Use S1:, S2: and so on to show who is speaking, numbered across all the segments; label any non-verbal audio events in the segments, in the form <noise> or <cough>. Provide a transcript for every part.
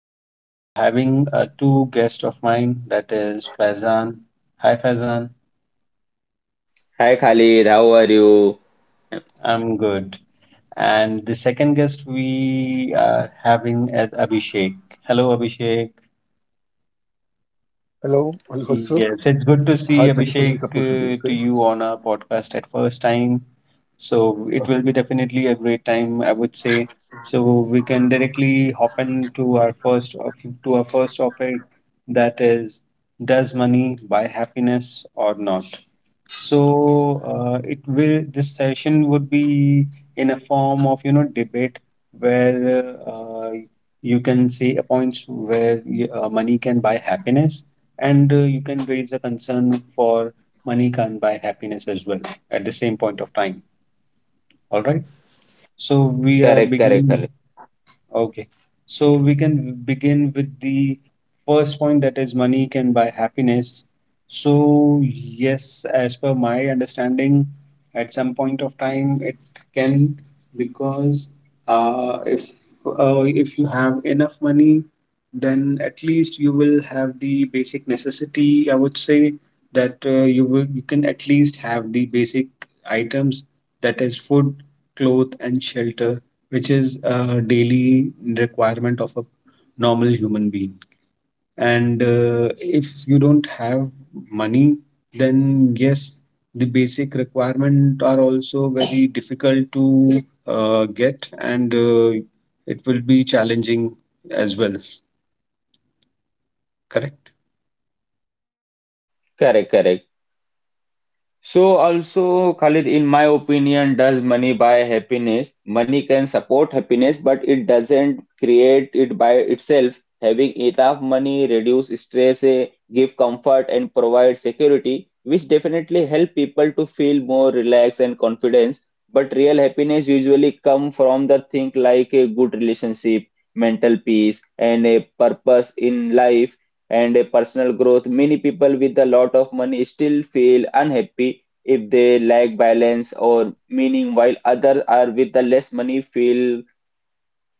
S1: And we are having two guests of mine. That is Faizan. Hi Faizan,
S2: Hi Khalid, how are you?
S1: I'm good. And the second guest we are having is Abhishek. Hello Abhishek.
S3: Hello, also. Hi, thank you
S1: Yes,
S3: for
S1: it's
S3: giving this
S1: good to see
S3: opportunity. Okay.
S1: Abhishek to you on our podcast at first time. So it
S3: Okay.
S1: will be definitely a great time, I would say. So we can directly hop into our to our first topic, that is, does money buy happiness or not? So it will this session would be in a form of debate where you can say a points where money can buy happiness and you can raise a concern for money can buy happiness as well at the same point of time. All right. So we are
S2: Correct, correct,
S1: beginning.
S2: Khalid.
S1: Okay. So we can begin with the first point that is money can buy happiness. So, yes, as per my understanding, at some point of time it can because uh, if if you have enough money, then at least you will have the basic necessity. I would say that you can at least have the basic items, that is food, cloth, and shelter, which is a daily requirement of a normal human being. And if you don't have money, then yes, the basic requirement are also very difficult to get, and it will be challenging as well. Correct.
S2: Correct, correct. So also, Khalid, in my opinion, does money buy happiness? Money can support happiness, but it doesn't create it by itself. Having enough money reduce stress, give comfort, and provide security, which definitely help people to feel more relaxed and confidence. But real happiness usually come from the thing like a good relationship, mental peace, and a purpose in life, and a personal growth. Many people with a lot of money still feel unhappy if they lack balance or meaning, while others are with the less money feel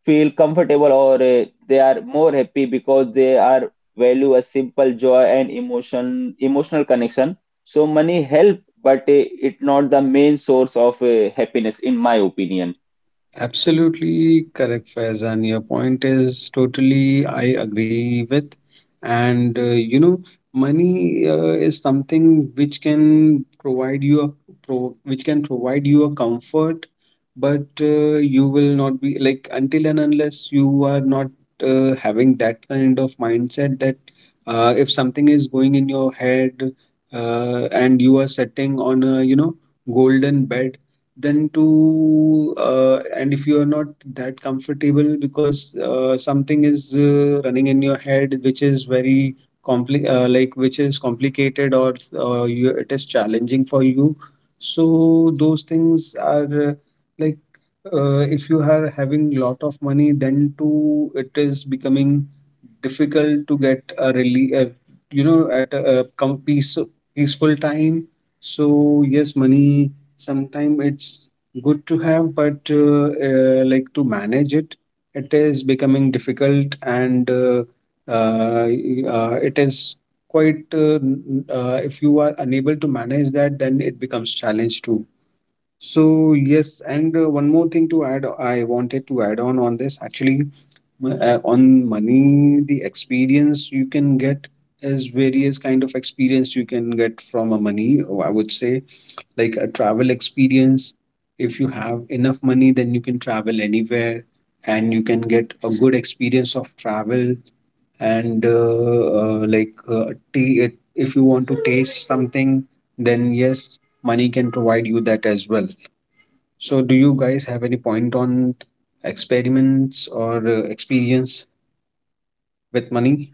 S2: feel comfortable or they are more happy because they are value a simple joy and emotional connection. So money help, but it not the main source of happiness, in my opinion.
S1: Absolutely correct, Faizan. Your point is totally, I agree with. And you know, money is something which can provide you a pro which can provide you a comfort, but you will not be like until and unless you are not having that kind of mindset, that if something is going in your head and you are sitting on a, you know, golden bed, then to and if you are not that comfortable because something is running in your head which is very compli like which is complicated, or you, it is challenging for you, so those things are like if you are having lot of money then too it is becoming difficult to get a really, you know, at peace, peaceful time. So yes, money sometimes it's good to have, but like to manage it, it is becoming difficult and it is quite, if you are unable to manage that, then it becomes challenge too. So yes, and one more thing to add, I wanted to add on this actually, on money, the experience you can get is various kind of experience you can get from a money, I would say, like a travel experience. If you have enough money, then you can travel anywhere and you can get a good experience of travel. And if you want to taste something, then yes, money can provide you that as well. So, do you guys have any point on experiments or experience with money?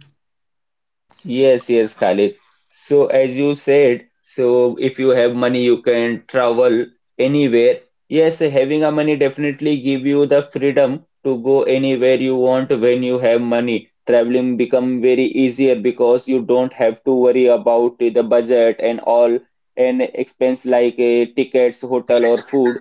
S2: Yes, yes, Khalid. So, as you said, so if you have money, you can travel anywhere. Yes, having a money definitely give you the freedom to go anywhere you want when you have money. Traveling become very easier because you don't have to worry about the budget and all and expense like tickets, hotel, or food.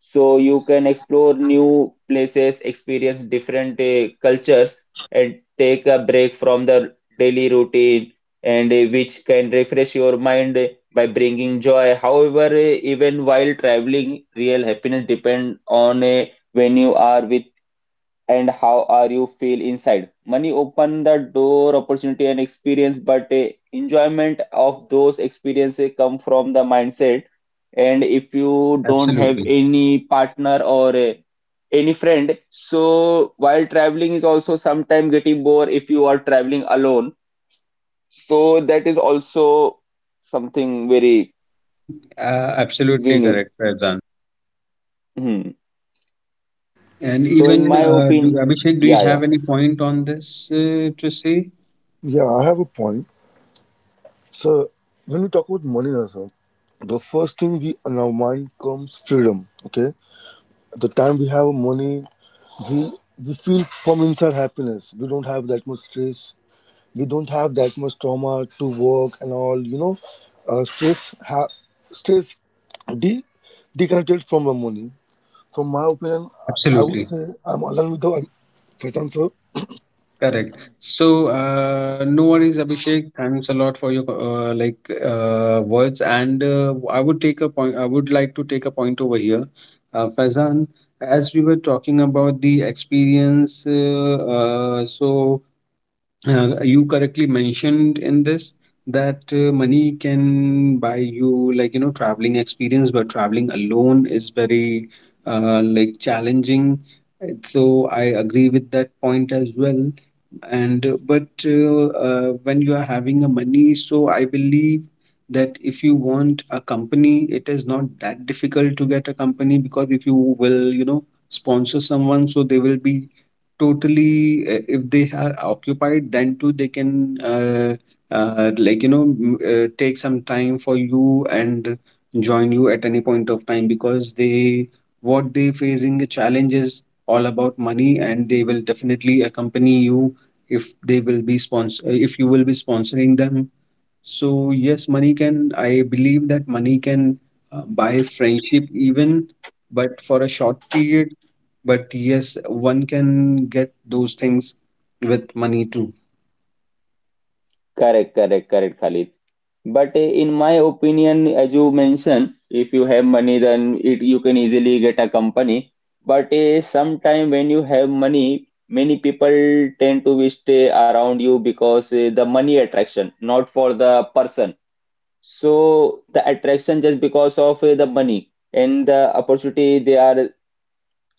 S2: So you can explore new places, experience different cultures, and take a break from the daily routine, and which can refresh your mind by bringing joy. However, even while traveling, real happiness depends on when you are with and how are you feel inside. Money open the door opportunity and experience, but enjoyment of those experiences come from the mindset. And if you don't have
S1: Absolutely.
S2: any partner or any friend, so while traveling is also sometimes getting bored if you are traveling alone. So that is also something very
S1: Absolutely
S2: we know.
S1: correct, Faizan.
S2: Hmm.
S1: And
S2: So in
S1: even
S2: my opinion,
S1: Abhishek, do you
S2: yeah, yeah.
S1: have any point on this to say?
S3: Yeah, I have a point. So, when we talk about money, also, the first thing we in our mind comes freedom. Okay. At the time we have money, we we feel from inside happiness. We don't have that much stress. We don't have that much trauma to work and all. You know, uh, stress ha- stress de- disconnected from the money. From my opinion, I would
S1: Absolutely
S3: say I'm aligned with the first answer.
S1: correct. So no worries, Abhishek. Thanks a lot for your words, and I would take a point. I would like to take a point over here, Faizan. As we were talking about the experience, so you correctly mentioned in this that money can buy you, like, you know, traveling experience, but traveling alone is very like challenging. So I agree with that point as well. And but when you are having a money, so I believe that if you want a company, it is not that difficult to get a company, because if you will, you know, sponsor someone, so they will be totally if they are occupied then too they can like, you know, take some time for you and join you at any point of time, because they what they facing a challenge is all about money, and they will definitely accompany you if they will be sponsor, if you will be sponsoring them. So yes, money can, I believe that money can buy friendship even, but for a short period. But yes, one can get those things with money too.
S2: Correct, correct, correct, Khalid. But in my opinion, as you mentioned, if you have money, then it you can easily get a company. But sometime when you have money, many people tend to stay around you because the money attraction, not for the person. So the attraction just because of the money and the opportunity they are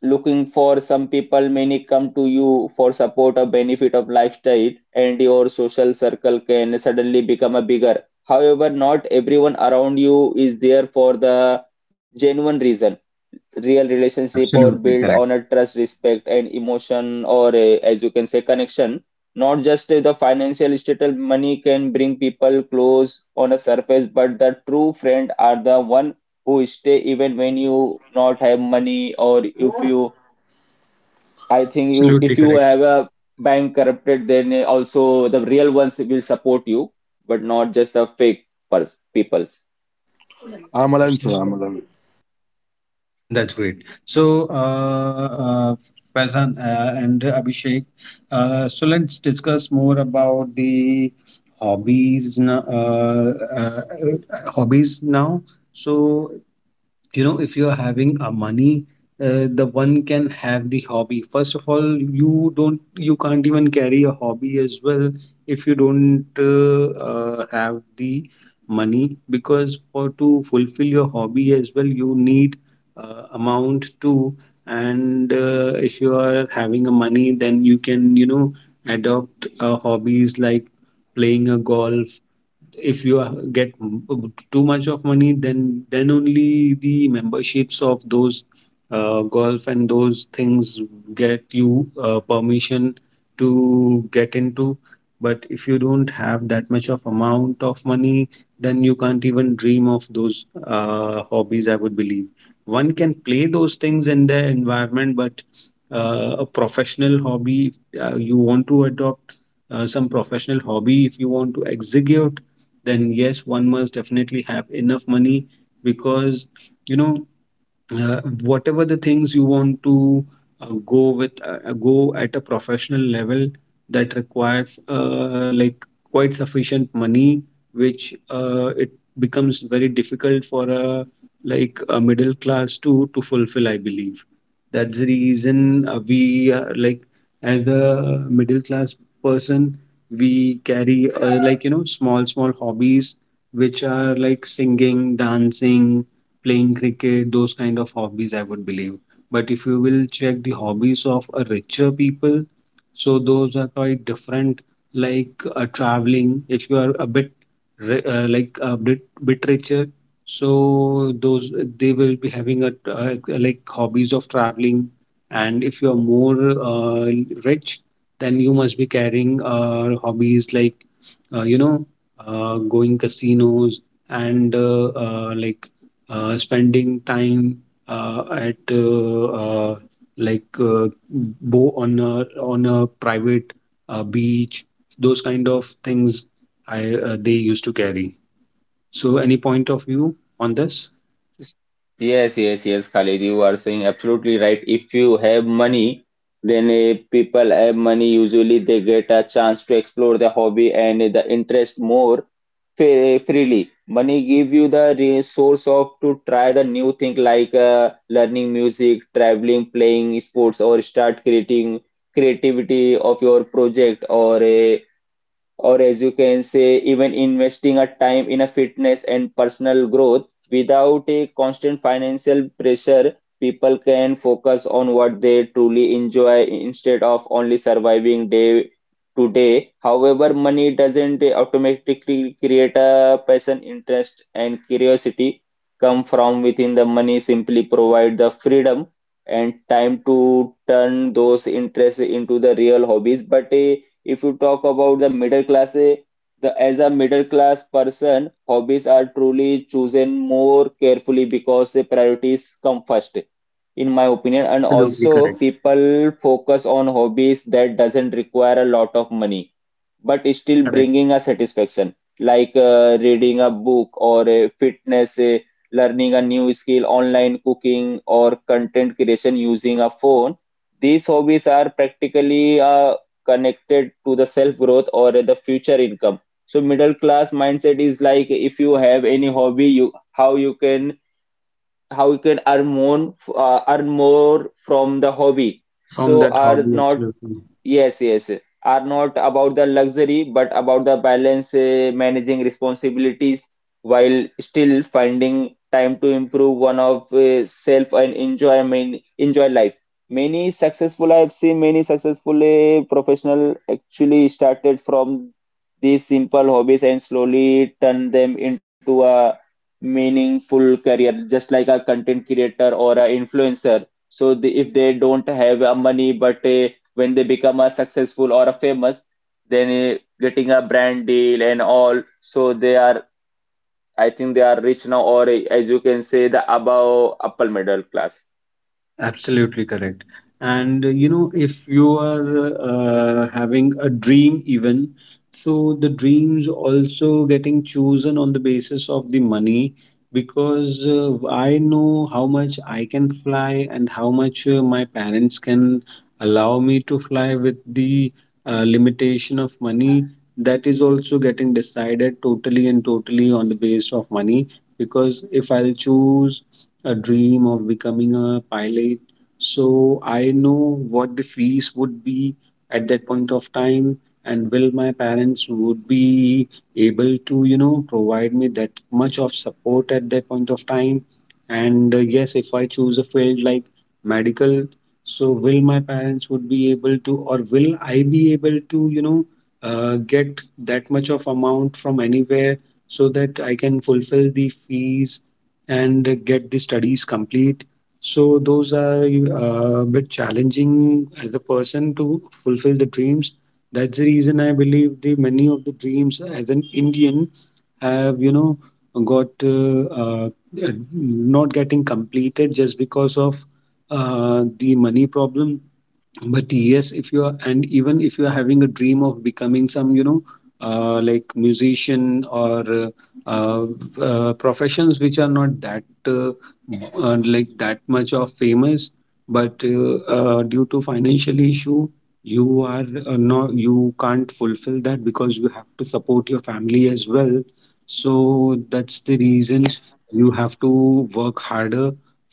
S2: looking for. Some people many come to you for support or benefit of lifestyle, and your social circle can suddenly become a bigger. However, not everyone around you is there for the genuine reason. Real relationship or build on
S1: Absolutely,
S2: a trust, respect, and emotion or a, as you can say, connection, not just the financial status. Money can bring people close on a surface, but the true friend are the one who stay even when you not have money. Or if you I think you
S1: absolutely
S2: if you
S1: correct.
S2: have a bank corrupted, then also the real ones will support you, but not just the fake pers peoples.
S3: Amalan, sir,
S1: Absolutely.
S3: Amalan.
S1: That's great. So, uh, Faizan and Abhishek, so let's discuss more about the hobbies, hobbies now. So, you know, if you're having a money, the one can have the hobby. First of all, you can't even carry a hobby as well if you don't have the money, because for to fulfill your hobby as well you need amount too. And if you are having a money, then you can, you know, adopt hobbies like playing a golf. If you get too much of money, then only the memberships of those golf and those things get you permission to get into. But if you don't have that much of amount of money, then you can't even dream of those hobbies, I would believe. One can play those things in their environment, but a professional hobby you want to adopt some professional hobby if you want to execute, then yes, one must definitely have enough money, because, you know, whatever the things you want to go at a professional level, that requires like quite sufficient money, which it becomes very difficult for a like a middle class to fulfill, I believe. That's the reason we like as a middle class person we carry, like, you know, small small hobbies which are like singing, dancing, playing cricket, those kind of hobbies, I would believe. But if you will check the hobbies of a richer people, so those are quite different. Like traveling, if you are a bit a bit bit richer, so those they will be having a like hobbies of traveling. And if you are more uh, rich, then you must be carrying hobbies like you know, going casinos and spending time at uh, like bo on a private beach, those kind of things I they used to carry. So any point of view on this?
S2: Yes, yes, yes, Khalid, you are saying absolutely right. If you have money, then people have money. Usually, they get a chance to explore the hobby and the interest more freely. Money give you the resource of to try the new thing like learning music, traveling, playing sports, or start creating creativity of your project or a, or as you can say, even investing a time in a fitness and personal growth. Without a constant financial pressure, people can focus on what they truly enjoy instead of only surviving day to day. However, money doesn't automatically create a passion, interest, and curiosity come from within. The money simply provide the freedom and time to turn those interests into the real hobbies. But a if you talk about the middle class, the as a middle class person, hobbies are truly chosen more carefully because the priorities come first, in my opinion. And
S1: Absolutely
S2: also,
S1: correct.
S2: people focus on hobbies that doesn't require a lot of money, but is still
S1: Correct.
S2: bringing a satisfaction, like reading a book or a fitness. Learning a new skill, online cooking, or content creation using a phone. These hobbies are practically a connected to the self growth or the future income. So middle class mindset is like if you have any hobby, you how you can earn more from the hobby.
S1: From
S2: So
S1: that
S2: are
S1: hobby,
S2: not
S1: absolutely.
S2: yes, yes, are not about the luxury, but about the balance, managing responsibilities while still finding time to improve one of self and enjoy, enjoy life. Many successful, I've seen many successful professional actually started from these simple hobbies and slowly turn them into a meaningful career, just like a content creator or an influencer. So the, if they don't have money, but when they become a successful or a famous, then getting a brand deal and all, so they are I think they are rich now, or as you can say, the above upper middle class.
S1: Absolutely correct. And you know, if you are having a dream, even so, the dreams also getting chosen on the basis of the money, because I know how much I can fly and how much my parents can allow me to fly with the limitation of money. That is also getting decided totally and totally on the base of money, because if I'll choose a dream of becoming a pilot. So I know what the fees would be at that point of time, and will my parents would be able to, you know, provide me that much of support at that point of time. And yes, if I choose a field like medical, so will my parents would be able to, or will I be able to, you know, get that much of amount from anywhere so that I can fulfill the fees and get the studies complete. So those are a bit challenging as a person to fulfill the dreams. That's the reason I believe the many of the dreams as an Indian have, you know, got not getting completed just because of the money problem. But yes, if you are, and even if you are having a dream of becoming some, you know, like musician, or uh, professions which are not that like that much of famous, but due to financial issue you are not you can't fulfill that, because you have to support your family as well. So that's the reason you have to work harder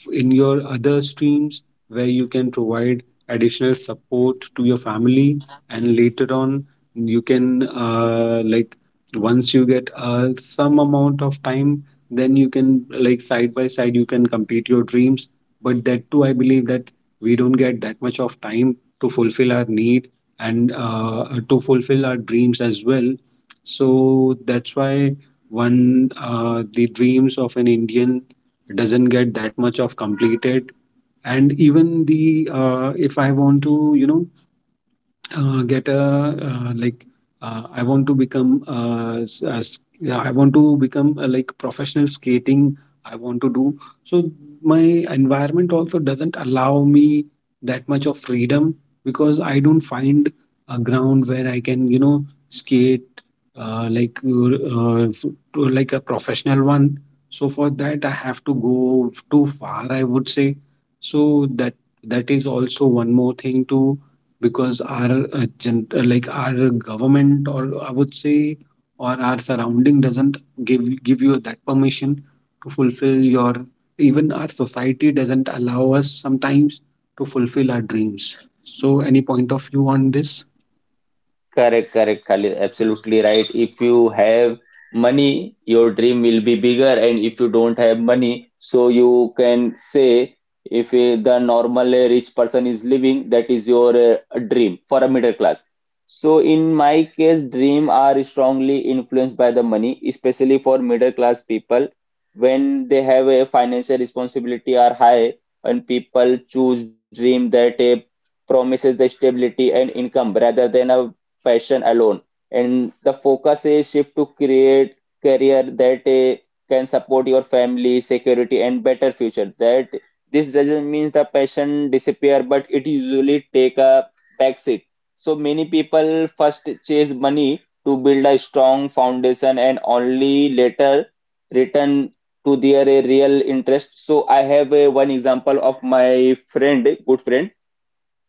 S1: in your other streams, where you can provide additional support to your family, and later on you can, like, once you get some amount of time, then you can, like, side by side you can complete your dreams. But that too I believe that we don't get that much of time to fulfill our need and to fulfill our dreams as well. So that's why one the dreams of an Indian doesn't get that much of completed. And even the if I want to, you know, get a like I want to become yeah, I want to become like professional skating. I want to do so. My environment also doesn't allow me that much of freedom, because I don't find a ground where I can skate, like to like a professional one. So for that I have to go too far, I would say. So that is also one more thing to, because our like our government, or I would say, or our surrounding doesn't give you that permission to fulfill your, even our society doesn't allow us sometimes to fulfill our dreams. So any point of view on this?
S2: Correct, correct, Khalid. Absolutely right. If you have money, your dream will be bigger, and if you don't have money, so you can say if the normal rich person is living, that is your dream for a middle class. So in my case, dream are strongly influenced by the money, especially for middle class people. When they have a financial responsibility are high, and people choose dream that promises the stability and income rather than a fashion alone. And the focus is shift to create career that can support your family security and better future, that this doesn't mean the passion disappear, but it usually take a back seat. So many people first chase money to build a strong foundation and only later return to their real interest. So I have one example of my friend, good friend.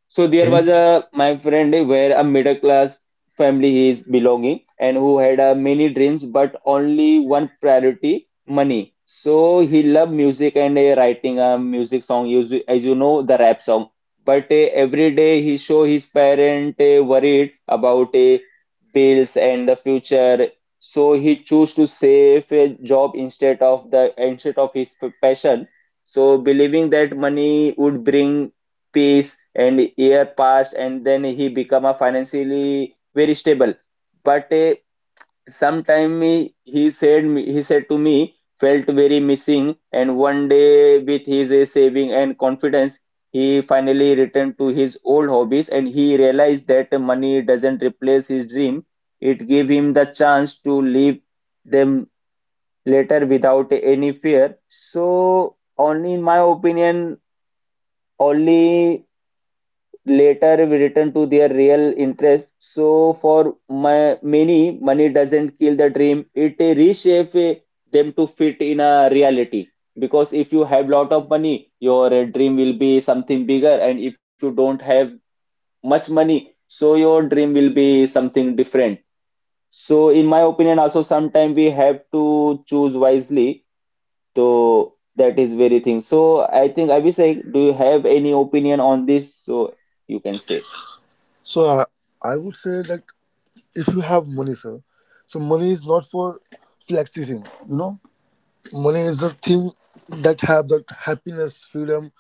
S2: So there
S1: Okay.
S2: was a my friend where a middle class family he is belonging, and who had many dreams but only one priority: money. So he loved music and writing a music song, as you know, the rap song. But every day he show his parent worried about bills and the future. So he chose to save a job instead of his passion. So believing that money would bring peace, and year passed, and then he become a financially very stable. But sometime he said to me felt very missing. And one day, with his saving and confidence, he finally returned to his old hobbies, and he realized that money doesn't replace his dream; it gave him the chance to live them later without any fear. So only in my opinion only later return to their real interest. So for my many, money doesn't kill the dream; it reshapes them to fit in a reality. Because if you have lot of money, your dream will be something bigger, and if you don't have much money, so your dream will be something different. So in my opinion, also sometimes we have to choose wisely. So that is very thing. So I think Abhishek, do you have any opinion on this? So you can say.
S3: So I would say that if you have money, sir, so money is not for flexing. You know, money is the thing that have that happiness, freedom,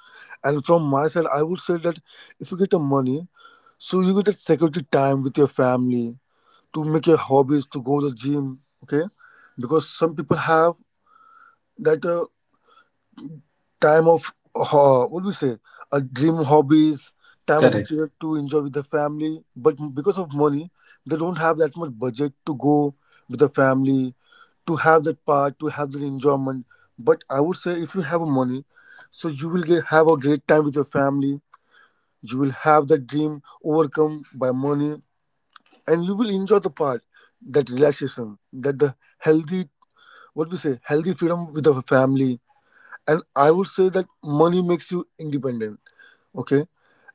S3: and from my side, I would say that if you get the money, so you get the security time with your family to make your hobbies, to go to the gym. Okay, because some people have that. What do we say, a dream hobbies time of a
S1: Correct.
S3: period to enjoy with the family, but because of money they don't have that much budget to go with the family to have that part, to have that enjoyment, but I would say if you have money, so you will get, have a great time with your family, you will have that dream overcome by money, and you will enjoy the part, that relaxation, that the healthy, what we say, healthy freedom with the family. And I would say that money makes you independent, okay,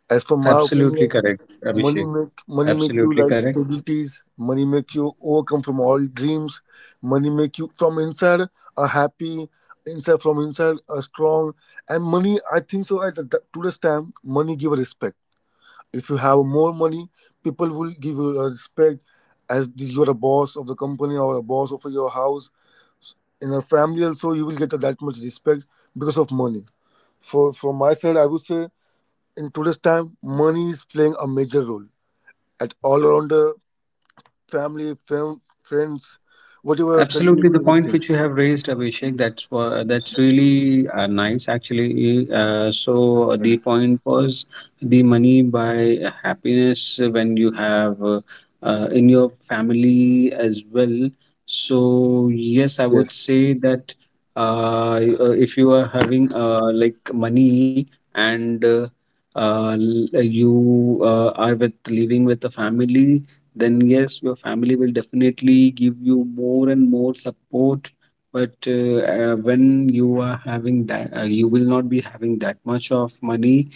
S3: as for my
S1: Absolutely
S3: opinion.
S1: correct,
S3: Money
S1: Abhishek.
S3: make, money make you
S1: Absolutely
S3: like
S1: correct.
S3: stabilities, money make you overcome from all dreams, money make you from inside a happy, inside, from inside a strong. And money, I think so, at the, today's time money give a respect. If you have more money, people will give you a respect as this, you're a boss of the company or a boss of your house. In a family also you will get that much respect because of money. For, from my side, I would say, in today's time, money is playing a major role at all around the family, friends, whatever,
S1: Absolutely,
S3: colleagues,
S1: the point
S3: anything.
S1: which you have raised, Abhishek, that's really nice, actually. So the point was the money by happiness when you have in your family as well. So yes, I would
S3: Yes,
S1: say that if you are having like money, and you are with living with the family, then yes, your family will definitely give you more and more support. But when you are having that, you will not be having that much of money.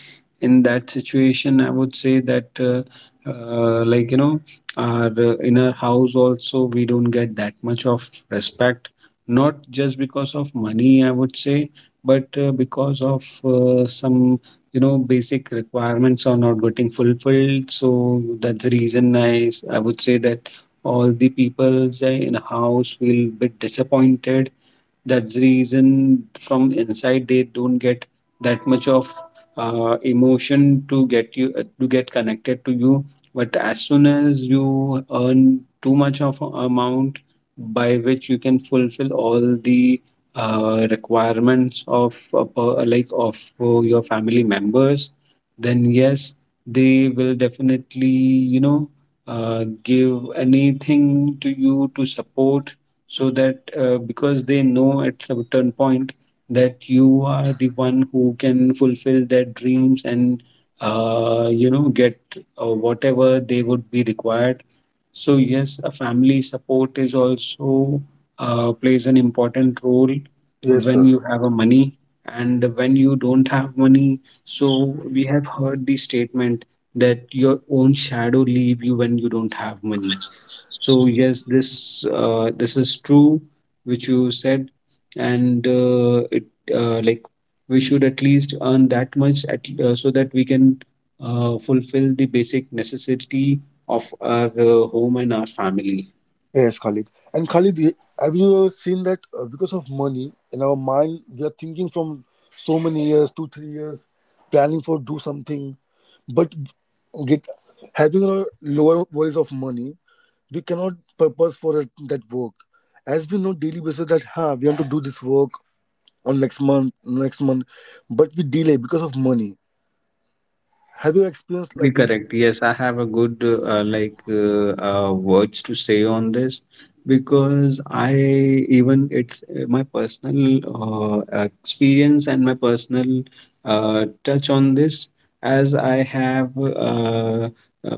S1: In that situation, I would say that, like, you know, in our house also, we don't get that much of respect, not just because of money, I would say, but because of some basic requirements are not getting fulfilled. So that's the reason I would say that all the people say in house will be disappointed. That's the reason from inside they don't get that much of emotion to get you, to get connected to you. But as soon as you earn too much of a amount by which you can fulfill all the requirements of like of your family members, then yes, they will definitely give anything to you to support, so that because they know at a certain point that you are the one who can fulfill their dreams and get whatever they would be required. So yes, a family support is also, plays an important role
S3: yes,
S1: when
S3: sir.
S1: you have a money, and when you don't have money, so we have heard the statement that your own shadow leave you when you don't have money. So yes, this is true, which you said. And it like we should at least earn that much at, so that we can fulfill the basic necessity of our home and our family.
S3: Yes, Khalid. And Khalid, have you ever seen that because of money in our mind, we are thinking from so many years, two, three years, planning for do something, but get having a lower worries of money, we cannot purpose for it, that work. As we know daily basis that huh, we want to do this work on next month, but we delay because of money. Have you experienced
S1: Absolutely
S3: like this
S1: correct. Yes, I have a good like words to say on this, because I, even it's my personal experience and my personal touch on this, as I have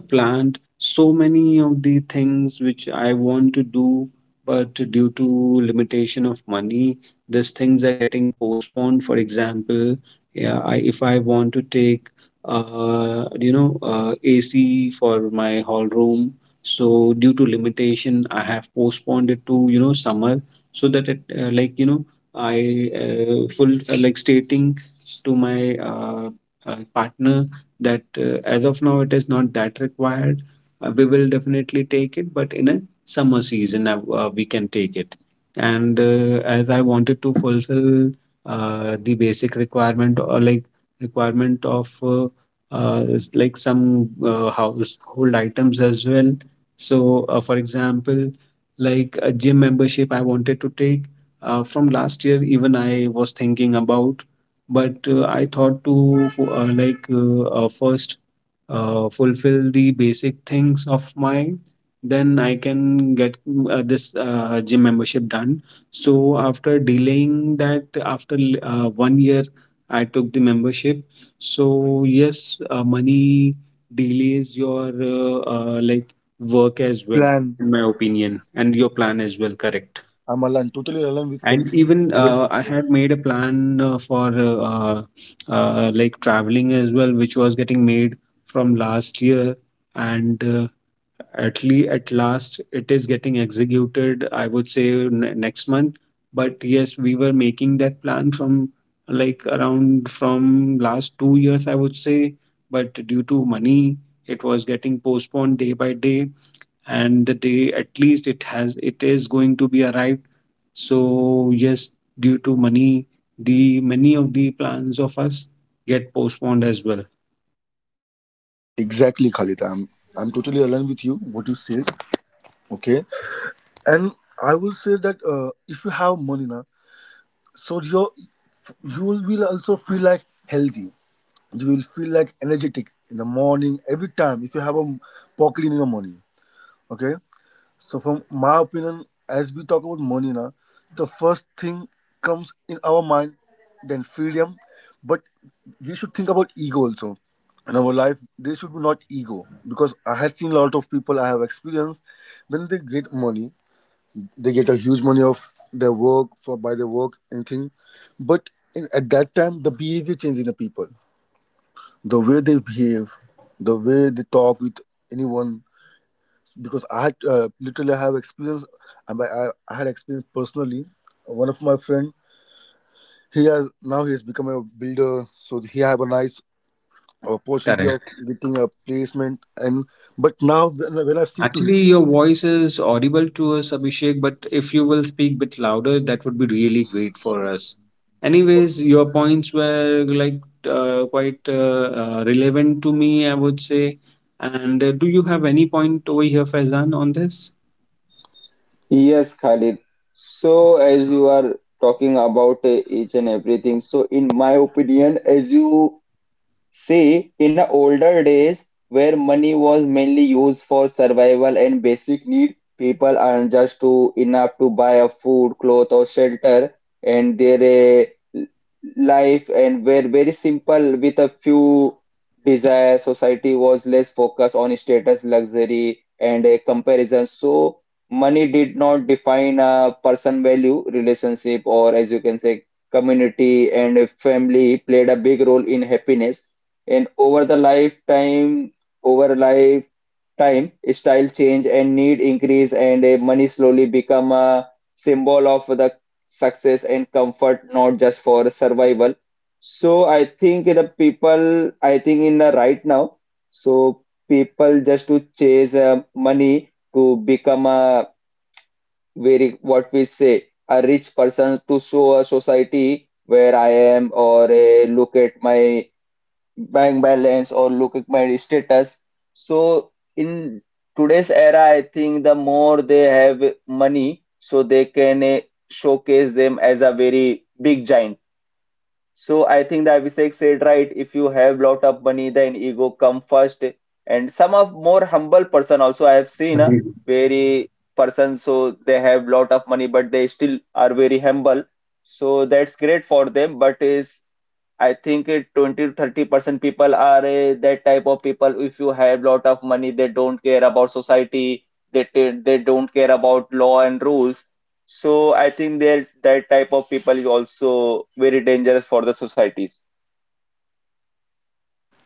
S1: planned so many of the things which I want to do, but due to limitation of money, these things are getting postponed. For example, yeah, I, if I want to take, AC for my hall room. So due to limitation, I have postponed it to summer, so that it like I full like stating to my partner that as of now it is not that required. We will definitely take it, but in a summer season we can take it. And as I wanted to fulfill the basic requirement or like requirement of like some household items as well. So, for example, like a gym membership I wanted to take from last year, even I was thinking about. But I thought to like first fulfill the basic things of mine, then I can get this gym membership done. So, after delaying that, after one year, I took the membership. So yes, money delays your like work as well,
S3: plan?
S1: in my opinion, and your plan as well, correct.
S3: I'm aligned, totally aligned with Fal-
S1: And even
S3: Khalid.
S1: I had made a plan for like traveling as well, which was getting made from last year. And at at last it is getting executed, I would say, next month. But yes, we were making that plan from, like, around, from last 2 years, I would say. But due to money it was getting postponed day by day, and the day at least it is going to be arrived. So yes, due to money, the many of the plans of us get postponed as well.
S3: Exactly, Khalid. I'm totally aligned with you. What you said, okay. And I will say that if you have money now, so your, you will also feel like healthy. You will feel like energetic in the morning every time if you have a pocket in your money, okay. So, from my opinion, as we talk about money now, the first thing comes in our mind, then freedom. But we should think about ego also. In our life, there should be not ego because I have seen a lot of people, I have experienced when they get money, they get a huge money of their work for, by their work anything, but in, at that time the behavior changes in the people, the way they behave, the way they talk with anyone, because I had literally I have experience, and I had experience personally. One of my friend, he has, now he has become a builder, so he have a nice opportunity of getting a placement. And but now when I see to him,
S1: Actually, your voice is audible to us, Abhishek, but if you will speak a bit louder, that would be really great for us. Anyways, your points were like quite relevant to me, I would say. And do you have any point over here, Faizan, on this?
S2: Yes, Khalid. So, as you are talking about each and everything, so in my opinion, as you see, in older days, where money was mainly used for survival and basic need, people earn just to enough to buy a food, cloth, or shelter, and their uh, life and were very simple with a few desires. Society was less focused on status, luxury, and a comparison. So money did not define a person value, relationship, or as you can say, community and family played a big role in happiness. And over the lifetime over lifetime style change and need increase, and money slowly become a symbol of the success and comfort, not just for survival. So I think the people I think in the right now, so people just to chase money to become a very, what we say, a rich person to show a society where I am, or look at my bank balance or look at my status. So in today's era, I think the more they have money, so they can showcase them as a very big giant. So I think the Abhishek said right. If you have lot of money, then ego come first. And some of more humble person also I have seen a
S1: Agreed.
S2: very person, so they have lot of money but they still are very humble. So that's great for them. But is I think 20 to 30% people are that type of people. If you have lot of money, they don't care about society. They don't care about law and rules. So I think they're that type of people is also very dangerous for the societies.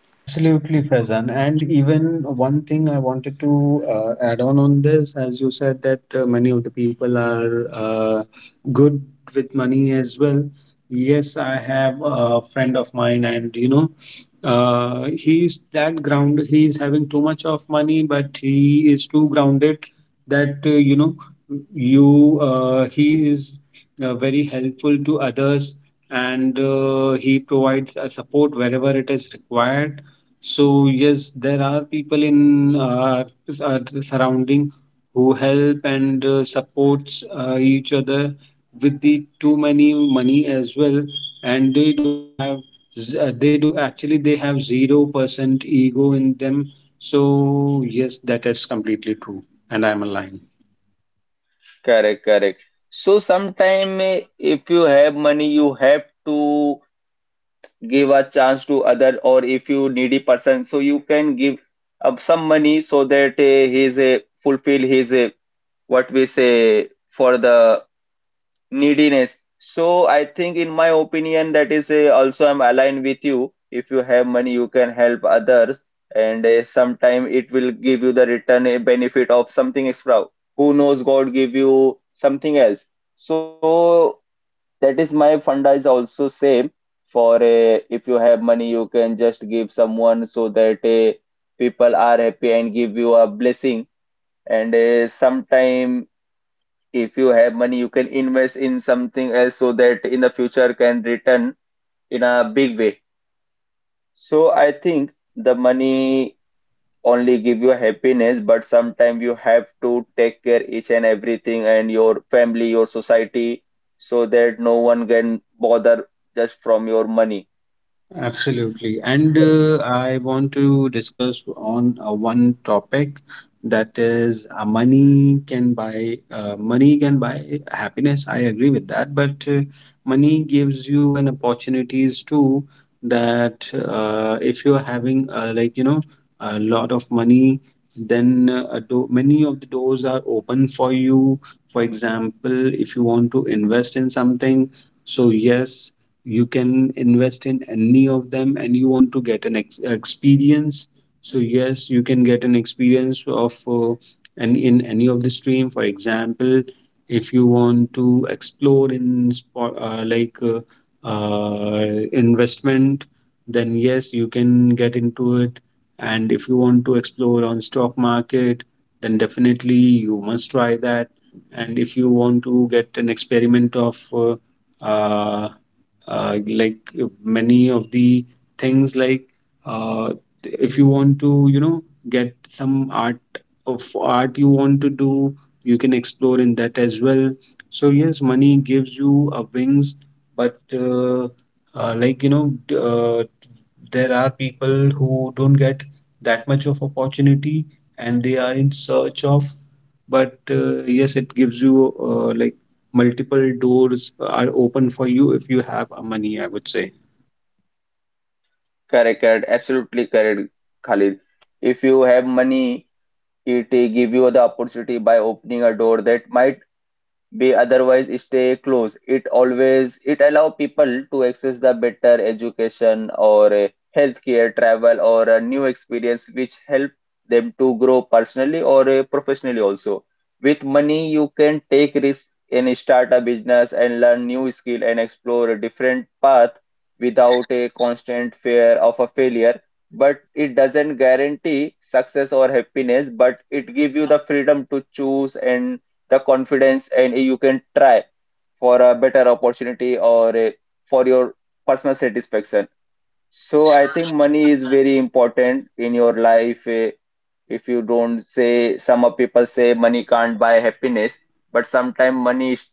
S1: Absolutely, Faizan. And even one thing I wanted to add on this, as you said that many of the people are good with money as well. Yes, I have a friend of mine, and, he's that ground. He's having too much of money, but he is too grounded that, you he is very helpful to others, and he provides a support wherever it is required. So yes, there are people in our surrounding who help and supports each other with the too many money as well, and they don't have they do actually they have 0% ego in them. So yes, that is completely true, and I'm aligned.
S2: Correct, correct. So sometime if you have money, you have to give a chance to other, or if you needy person, so you can give up some money so that he's a fulfill his what we say for the neediness. So I think, in my opinion, that is also I'm aligned with you. If you have money, you can help others, and sometime it will give you the return a benefit of something extra. Who knows? God give you something else. So that is my funda is also same for if you have money, you can just give someone so that people are happy and give you a blessing. And sometime if you have money, you can invest in something else so that in the future can return in a big way. So I think the money only give you happiness, but sometimes you have to take care each and everything and your family, your society, so that no one can bother just from your money.
S1: Absolutely. And
S3: yeah.
S1: I want to discuss on one topic, that is money can buy happiness. I agree with that, but money gives you an opportunities too, that if you're having like, you know, a lot of money, then many of the doors are open for you. For example, if you want to invest in something, so yes, you can invest in any of them. And you want to get experience, so yes, you can get an experience of, and in any of the stream. For example, if you want to explore in spot, like, investment, then yes, you can get into it. And if you want to explore on stock market, then definitely you must try that. And if you want to get an experiment of, like, many of the things, like, uh, if you want to, get some art you want to do, you can explore in that as well. So yes, money gives you wings, but like, there are people who don't get that much of opportunity and they are in search of. But yes, it gives you like multiple doors are open for you if you have a money, I would say.
S2: Correct, correct, absolutely correct, Khalid. If you have money, it give you the opportunity by opening a door that might be otherwise stay close, it always it allow people to access the better education or a healthcare travel or a new experience which help them to grow personally or professionally also. With money you can take risk and start a business and learn new skill and explore a different path without a constant fear of a failure. But it doesn't guarantee success or happiness, but it give you the freedom to choose and the confidence, and you can try for a better opportunity or for your personal satisfaction. So I think money is very important in your life. If you don't say, some of people say money can't buy happiness, but sometimes money is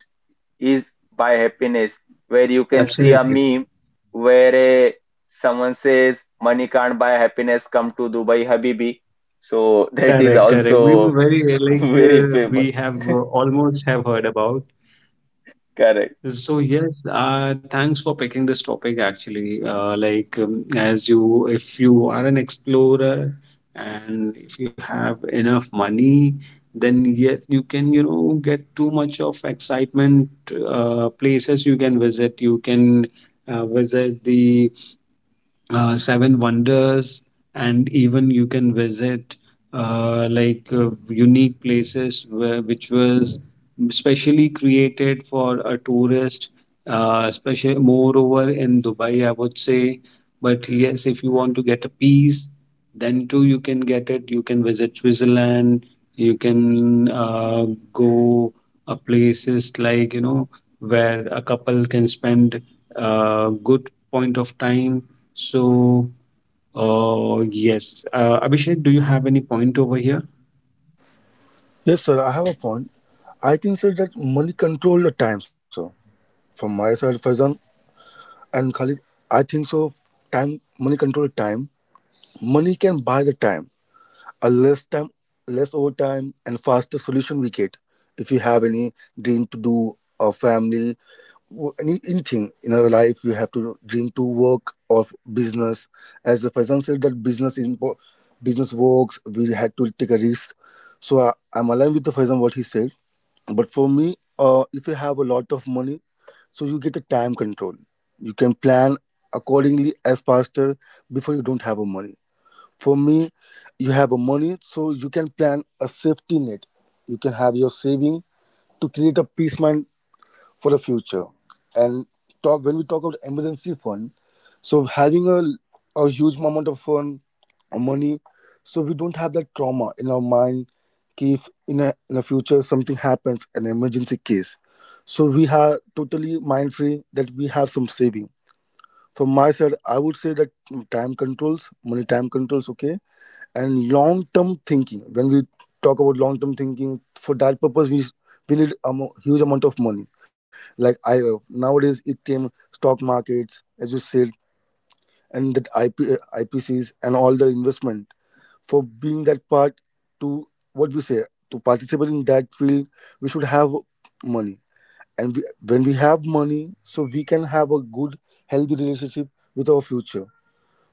S2: is buy happiness. Where you can see a
S1: Absolutely.
S2: meme where someone says money can't buy happiness. Come to Dubai, Habibi. So <laughs> that is
S1: Correct, correct. We were
S2: also
S1: very
S2: <laughs>
S1: like
S2: very famous.
S1: we have almost have heard about.
S2: Correct.
S1: So yes, thanks for picking this topic actually. Like, if you are an explorer and if you have enough money, then yes, you can, get too much of excitement, places you can visit. You can visit the seven wonders, and even you can visit like unique places which was specially created for a tourist, especially moreover in Dubai, I would say. But yes, if you want to get a piece, then too you can get it. You can visit Switzerland, you can go places, like, where a couple can spend a good point of time. So, yes, Abhishek, do you have any point over here?
S3: Yes, sir, I have a point. I think sir that money control the time, sir. From my side, Faizan and Khalid, I think so. Time, money control time. Money can buy the time, a less time, less overtime, and faster solution we get if you have any dream to do, or family, any, anything in our life you have to dream to work or business. As the person said that business is business works, we had to take a risk. So I, I'm aligned with the Faizan what he said, but for me, if you have a lot of money, so you get a time control. You can plan accordingly as faster. Before you don't have a money, for me, you have a money, so you can plan a safety net. You can have your saving to create a peace mind for the future. And talk, when we talk about emergency fund, so having a huge amount of fund or money, so we don't have that trauma in our mind कि if in a, in the future something happens an emergency case, so we are totally mind free that we have some saving. From my side, I would say that mm, time controls, money time controls, okay, and long term thinking. When we talk about long term thinking, for that purpose, we need a huge amount of money. Like I, nowadays, it came stock markets, as you said, and that IPCs and all the investment for being that part, to what we say, to participate in that field, we should have money. And we, when we have money, so we can have a good, healthy relationship with our future.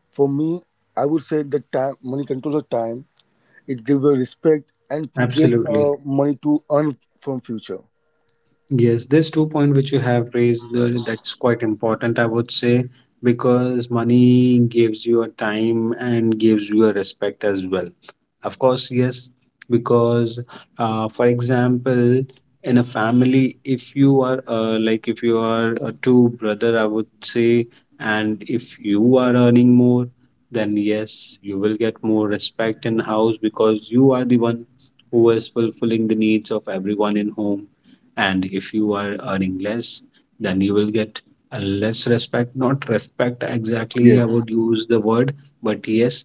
S3: For me, I would say that time money controls the time. It gives you respect and get
S1: Absolutely.
S3: money to earn from future.
S1: Yes, there's two point which you have raised that's quite important, I would say, because money gives you a time and gives you a respect as well. Of course, yes, because, for example, in a family, if you are like, if you are a two brother, I would say, and if you are earning more, then yes, you will get more respect in house because you are the one who is fulfilling the needs of everyone in home. And if you are earning less, then you will get a less respect. Not respect exactly, I
S3: Yes,
S1: would use the word, but yes,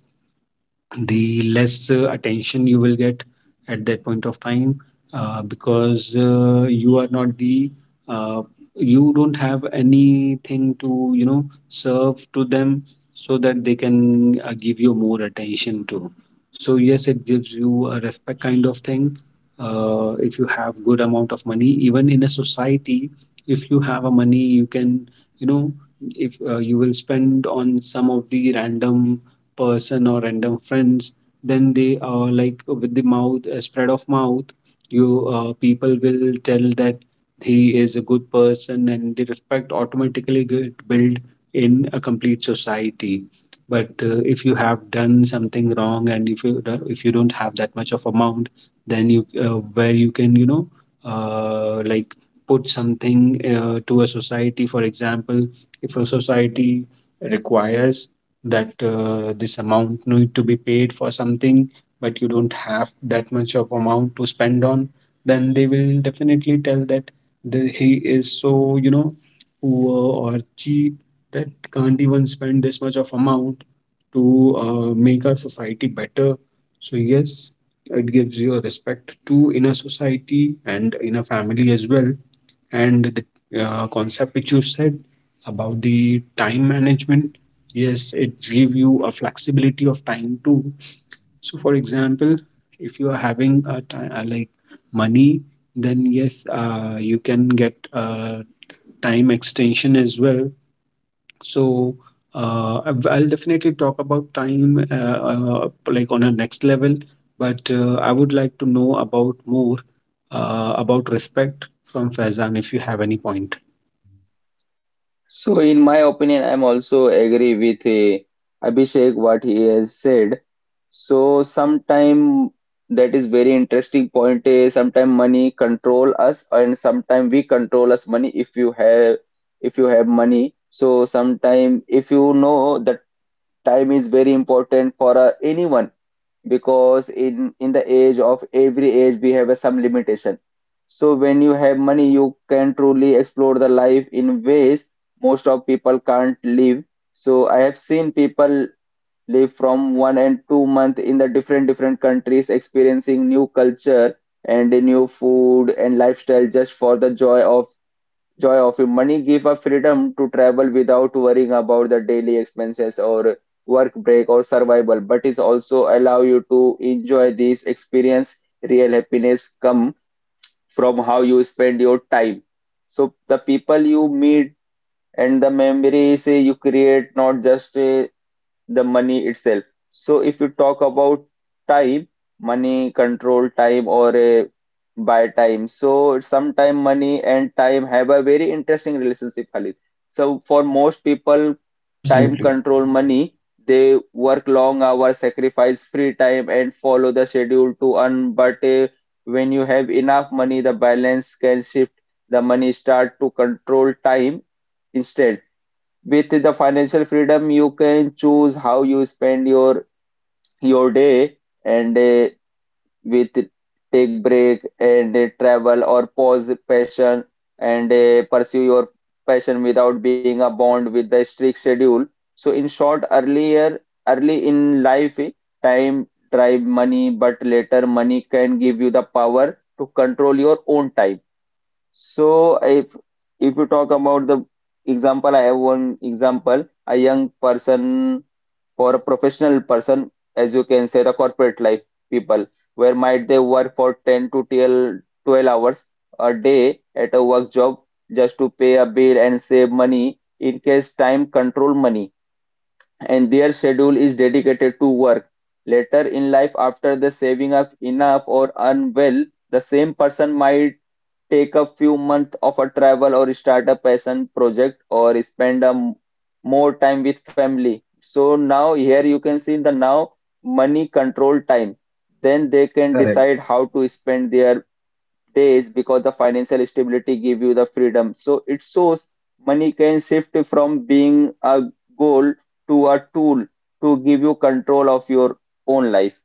S1: the less attention you will get at that point of time, because you are not the uh, you don't have anything to serve to them so that they can give you more attention to. So yes, it gives you a respect kind of thing. If you have good amount of money, even in a society, if you have a money, you can, you know if you will spend on some of the random person or random friends, then they, like with the mouth, spread of mouth, you, people will tell that he is a good person and the respect automatically get built in a complete society. But if you have done something wrong and if if you don't have that much of amount, then you, where you can, like put something to a society. For example, if a society requires that, this amount need to be paid for something, but you don't have that much of amount to spend on, then they will definitely tell that he is so, poor or cheap that can't even spend this much of amount to make our society better. So yes, it gives you a respect too in a society and in a family as well. And the concept which you said about the time management, yes, it give you a flexibility of time too. So, for example, if you are having a time, like money, then yes, you can get a time extension as well. So, I'll definitely talk about time like on a next level, but I would like to know about more about respect from Faizan if you have any point.
S2: So, in my opinion, I'm also agree with Abhishek what he has said. So, sometime that is very interesting point. Sometime money control us, and sometime we control us money. If you have money, so sometime if you know that time is very important for anyone, because in the age of every age we have a some limitation. So when you have money you can truly explore the life in ways most of people can't live. So I have seen people live from 1 and 2 month in the different countries experiencing new culture and new food and lifestyle, just for the joy of money. Give a freedom to travel without worrying about the daily expenses or work break or survival, but is also allow you to enjoy this experience. Real happiness come from how you spend your time, so the people you meet and the memories you create, not just the money itself. So if you talk about time, money control time or a buy time. So sometime money and time have a very interesting relationship, Khalid. So for most people, time
S1: Absolutely.
S2: control money. They work long hours, sacrifice free time, and follow the schedule to earn. But when you have enough money, the balance can shift. The money start to control time instead. With the financial freedom you can choose how you spend your day, and with take break and travel or pause passion and pursue your passion without being a bond with the strict schedule. So in short, earlier early in life, time drive money, but later money can give you the power to control your own time. So if you talk about the example, I have one example, a young person or a professional person, as you can say, the corporate life people, where might they work for 10 to 12 twelve hours a day at a work job just to pay a bill and save money. In case time control money, and their schedule is dedicated to work. Later in life, after the saving up enough or unwell, the same person might take a few months of a travel or start a passion project or spend a more time with family. So now here you can see in the now money control time. Then they can
S1: Correct,
S2: decide how to spend their days because the financial stability give you the freedom. So it shows money can shift from being a goal to a tool to give you control of your own life.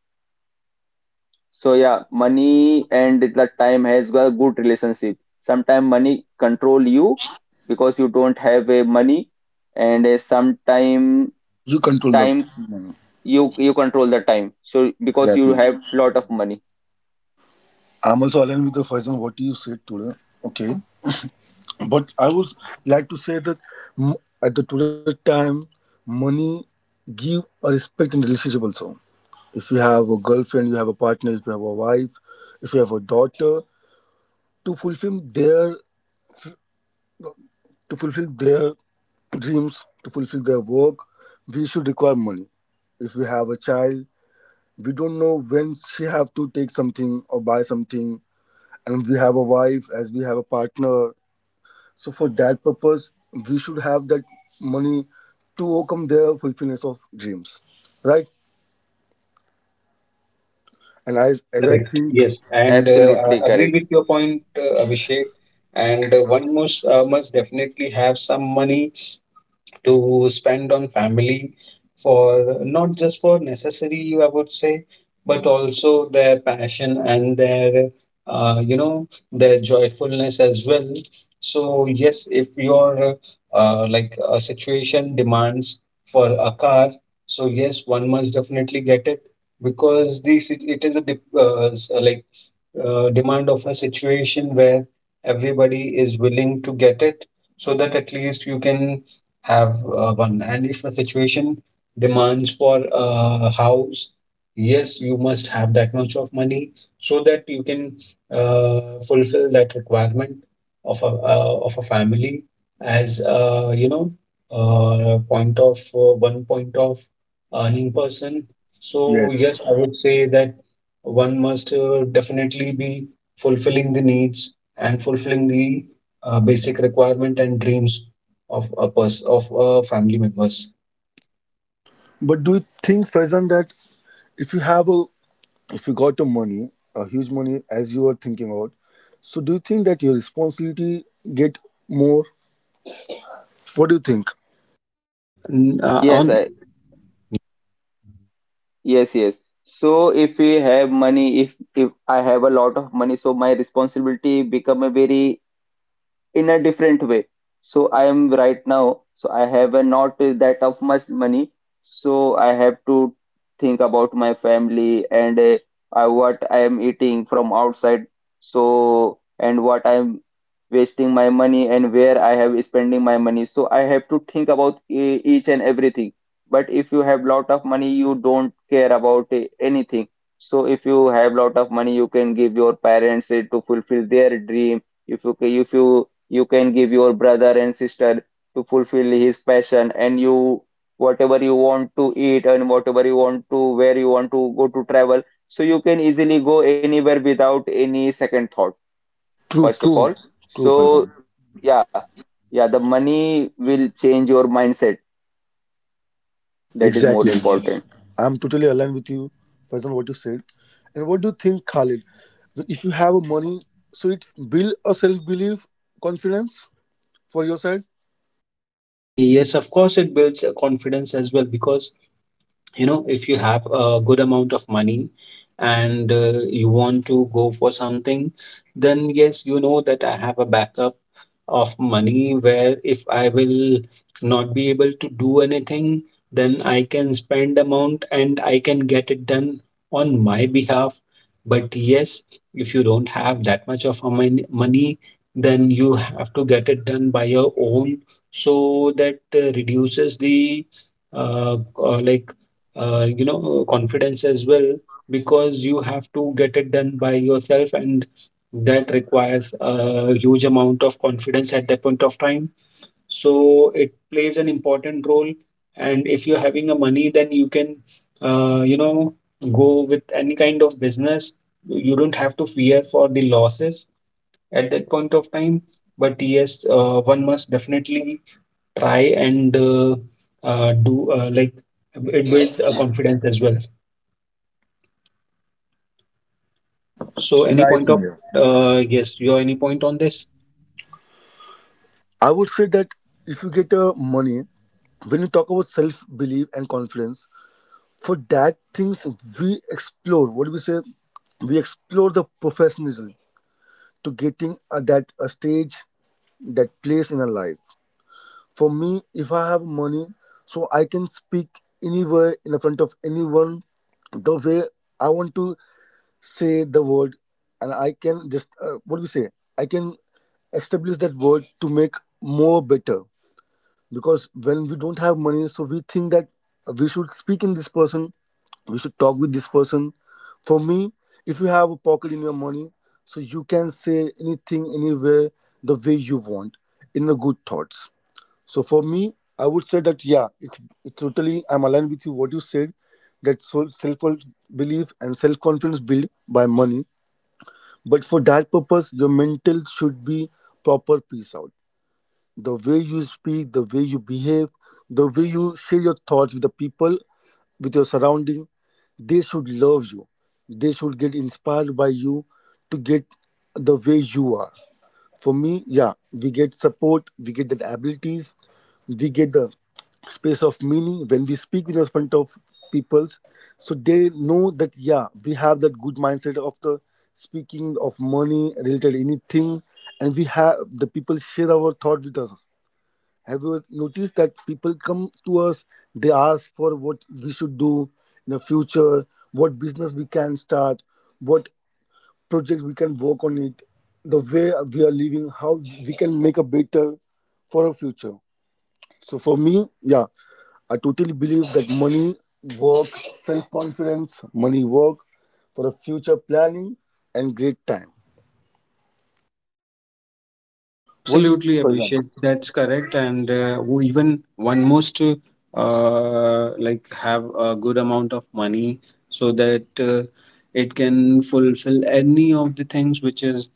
S2: So yeah, money and the time has got a good relationship. Sometimes money control you because you don't have a money, and sometime
S3: you control the
S2: time
S3: money,
S2: you control the time, so because you
S3: exactly.
S2: have lot of money.
S3: I'm also aligned with the first one what you said today. Okay, but I would like to say that m- at the today time, money give a respect in relationship also. If you have a girlfriend, you have a partner. If you have a wife, if you have a daughter, to fulfill their, to fulfill their dreams, to fulfill their work, we should require money. If we have a child, we don't know when she have to take something or buy something, and we have a wife as we have a partner. So for that purpose, we should have that money to overcome their fulfillment of dreams, right? And as I
S1: correct.
S3: think,
S1: Yes, and
S2: Absolutely
S1: I agree
S2: correct.
S1: with your point, Abhishek. And one must definitely have some money to spend on family, for not just for necessary, I would say, but also their passion and their, their joyfulness as well. So yes, if your like a situation demands for a car, so yes, one must definitely get it, because this it is a dip, like demand of a situation where everybody is willing to get it so that at least you can have one. And if a situation demands for a house, yes, you must have that much of money so that you can fulfill that requirement of a family as, point of one point of earning person. So yes,
S3: yes.
S1: I would say that one must definitely be fulfilling the needs and fulfilling the basic requirement and dreams of of family members.
S3: But do you think, Faizan, that if you have a, if you got the money, a huge money as you are thinking about, so do you think that your responsibility get more? What do you think?
S1: N-
S2: Yes.
S1: on
S2: Yes, yes. So if we have money, if I have a lot of money, so my responsibility become a very in a different way. So I am right now, so I have a not that of much money, so I have to think about my family, and what I am eating from outside. So and what I am wasting my money and where I have spending my money, so I have to think about each and everything. But if you have lot of money you don't care about anything. So if you have lot of money you can give your parents it to fulfill their dream. If you you can give your brother and sister to fulfill his passion, and you whatever you want to eat and whatever you want to where you want to go to travel, so you can easily go anywhere without any second thought
S3: True,
S2: first of all.
S3: true,
S2: So
S3: true, Farzan.
S2: yeah, yeah, the money will change your mindset, that is more
S3: Exactly.
S2: important.
S3: I'm totally aligned with you, Farzan, what you said. And what do you think, Khalid? That if you have money, so it build a self belief, confidence for your side.
S1: Yes, of course, it builds confidence as well, because you know, if you have a good amount of money and you want to go for something, then yes, you know that I have a backup of money where if I will not be able to do anything, then I can spend amount and I can get it done on my behalf. But yes, if you don't have that much of money, then you have to get it done by your own, so that reduces the like confidence as well, because you have to get it done by yourself, and that requires a huge amount of confidence at that point of time. So it plays an important role. And if you're having a money, then you can, uh, you know go with any kind of business. You don't have to fear for the losses at that point of time. But yes, one must definitely try and do like, it builds a confidence as well. So any point of
S3: Yeah.
S1: yes, your any point on this?
S3: I would say that if you get money, when you talk about self belief and confidence, for that things we explore, what do we say, we explore the professionalism to getting a, that a stage, that place in our life. For me, if I have money, so I can speak anywhere in the front of anyone, the way I want to say the word, and I can just what do we say, I can establish that word to make more better, because when we don't have money so we think that we should speak in this person, we should talk with this person. For me, if you have a pocket in your money, so you can say anything anywhere the way you want, in the good thoughts. So for me, I would say that yeah, it's, it totally, I'm aligned with you what you said, that self belief and self confidence build by money. But for that purpose your mental should be proper peace out, the way you speak, the way you behave, the way you share your thoughts with the people, with your surrounding, they should love you. They should get inspired by you, to get the way you are. For me, yeah, we get support, we get the abilities, we get the space of meaning when we speak in the front of peoples. So they know that yeah, we have that good mindset of the speaking of money related anything, and we have the people share our thought with us. Have you noticed that people come to us, they ask for what we should do in the future, what business we can start, what projects we can work on it, the way we are living, how we can make a better for our future. So for me, yeah, I totally believe that money, work, self-confidence, money, work for a future planning and great time. What do you
S1: Absolutely,
S3: think, Faizan?
S1: Abhishek. That's correct. And who even one must, like, have a good amount of money so that it can fulfill any of the things which is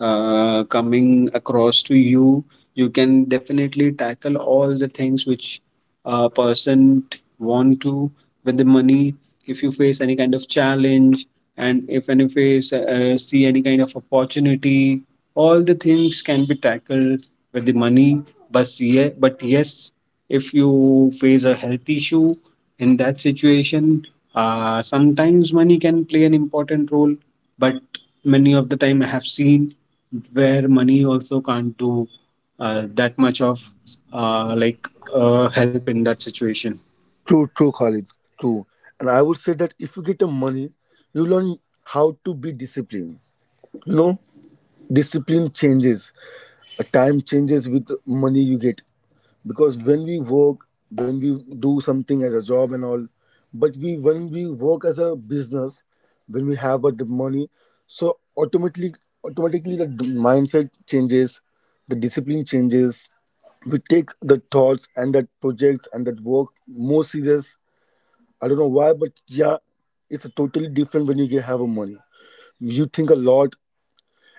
S1: coming across to you. You can definitely tackle all the things which a person want to with the money. If you face any kind of challenge, and if any face, see any kind of opportunity, all the things can be tackled with the money. But yeah, but yes, if you face a health issue, in that situation, sometimes money can play an important role, but many of the time I have seen where money also can't do that much of like help in that situation.
S3: True, true, Khalid. True. And I would say that if you get the money, you learn how to be disciplined. You know, discipline changes. A Time changes with the money you get. Because when we do something as a job and all, but we when we work as a business, when we have the money, so automatically the mindset changes, the discipline changes. We take the thoughts and that projects and that work more serious. I don't know why, but yeah, it's a totally different when you have a money. You think a lot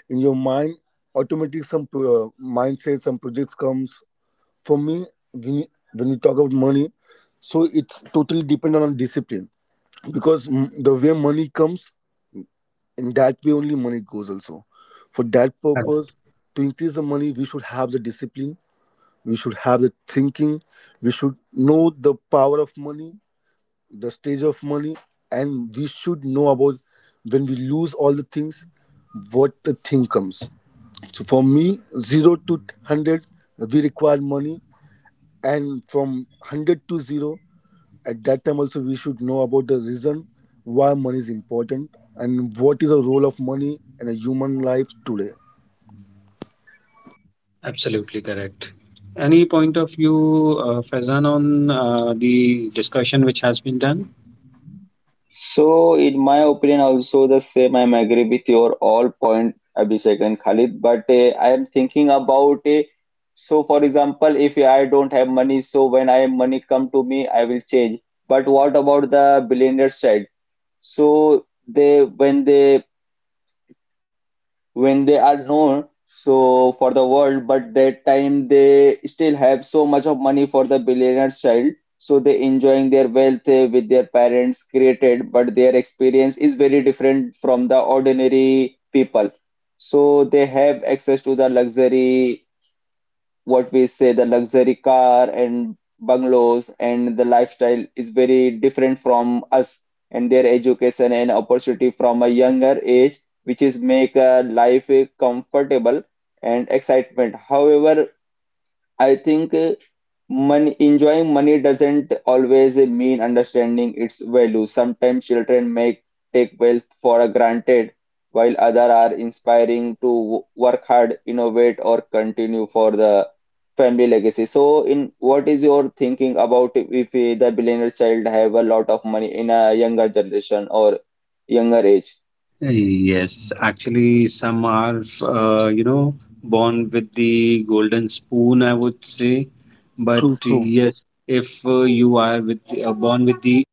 S3: in your mind. Automatically, some mindset, some projects comes. For me, when you, when you talk about money, so it's totally dependent on discipline because the way money comes, in that way only money goes. Also, for that
S1: Correct.
S3: purpose, to increase the money, we should have the discipline. We should have the thinking. We should know the power of money, the stage of money, and we should know about when we lose all the things what the thing comes. So for me, 0 to 100 we require money, and from 100 to 0, at that time also we should know about the reason why money is important and what is the role of money in a human life today.
S1: Absolutely correct. Any point of view, Fazan, on the discussion which has been done?
S2: So, in my opinion, also the same. I'm agree with your all point, Abhishek and Khalid. But I am thinking about a. So, for example, if I don't have money, so when I money come to me, I will change. But what about the billionaire side? So they when they are known so for the world, but that time they still have so much of money. For the billionaire's child, so they enjoying their wealth with their parents created, but their experience is very different from the ordinary people. So they have access to the luxury, what we say the luxury car and bungalows, and the lifestyle is very different from us. And their education and opportunity from a younger age, which is make life comfortable and excitement. However, I think money, enjoying money doesn't always mean understanding its value. Sometimes children may take wealth for granted, while others are inspiring to work hard, innovate, or continue for the family legacy. So, in what is your thinking about if the billionaire child have a lot of money in a younger generation or younger age?
S1: Yes, actually, some are, you know, born with the golden spoon, I would say. But
S3: True, true.
S1: yes, if you are with born with the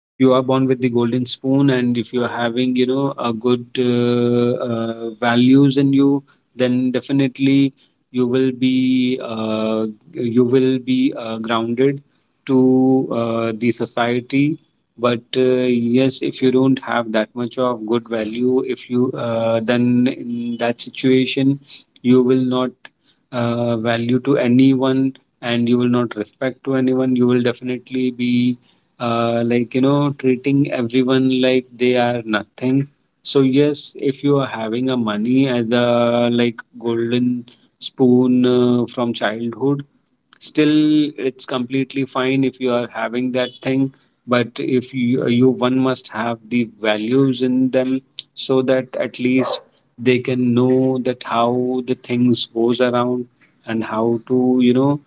S1: if you are born with the golden spoon, and if you are having, you know, a good values in you, then definitely you will be uh, you will be grounded to the society. But yes, if you don't have that much of good value, if you then in that situation, you will not value to anyone, and you will not respect to anyone. You will definitely be, like, you know, treating everyone like they are nothing. So yes, if you are having a money as a like golden spoon from childhood, still it's completely fine if you are having that thing. But if you, one must have the values in them, so that at least they can know that how the things goes around, and how to, you know,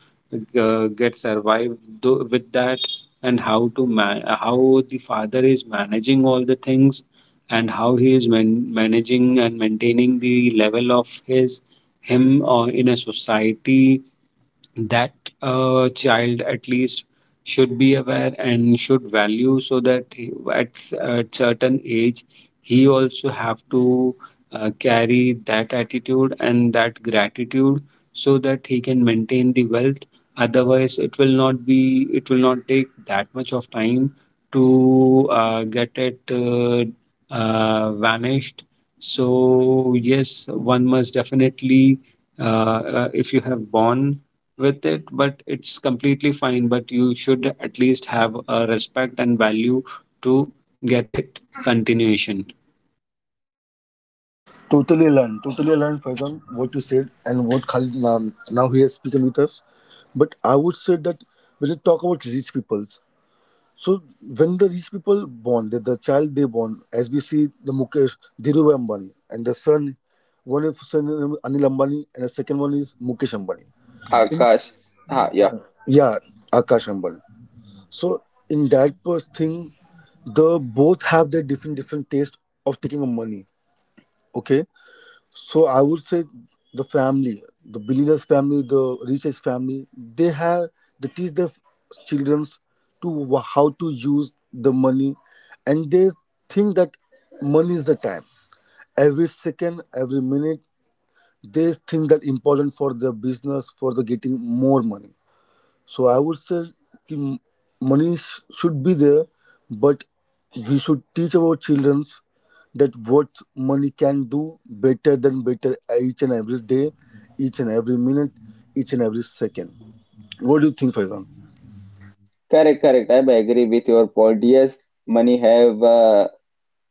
S1: get survived with that, and how to man how the father is managing all the things, and how he is managing and maintaining the level of his him in a society. That child at least should be aware and should value, so that at certain age, he also have to carry that attitude and that gratitude, so that he can maintain the wealth. Otherwise it will not be, it will not take that much of time to get it vanished. So yes, one must definitely if you have born with it, but it's completely fine, but you should at least have a respect and value to get it continuation.
S3: Totally learn, Faizan, what you said, and what Khalid now he has spoken with us. But I would say that when you talk about rich people. So when the rich people born, the child they born, as we see the Mukesh Dhirubhai Ambani and the son, one of son is Anil Ambani and the second one is Mukesh Ambani.
S2: Akash, ha, yeah,
S3: Uh, yeah, Akash Ambani. So in that first thing, the both have their different different taste of taking of money. Okay, so I would say the family, the billionaires family, the richest family, they teach their children how to use the money, and they think that money is the time. Every second, every minute, they think that important for their business for the getting more money. So I would say ki money should be there, but we should teach our children that what money can do better than better each and every day, each and every minute, each and every second. What do you think, Faizan?
S2: correct, correct. I agree with your point. Yes, money have.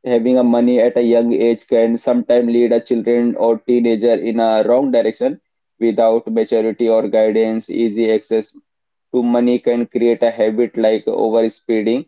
S2: Having a money at a young age can sometimes lead a children or teenager in a wrong direction without maturity or guidance. Easy access to money can create a habit like overspending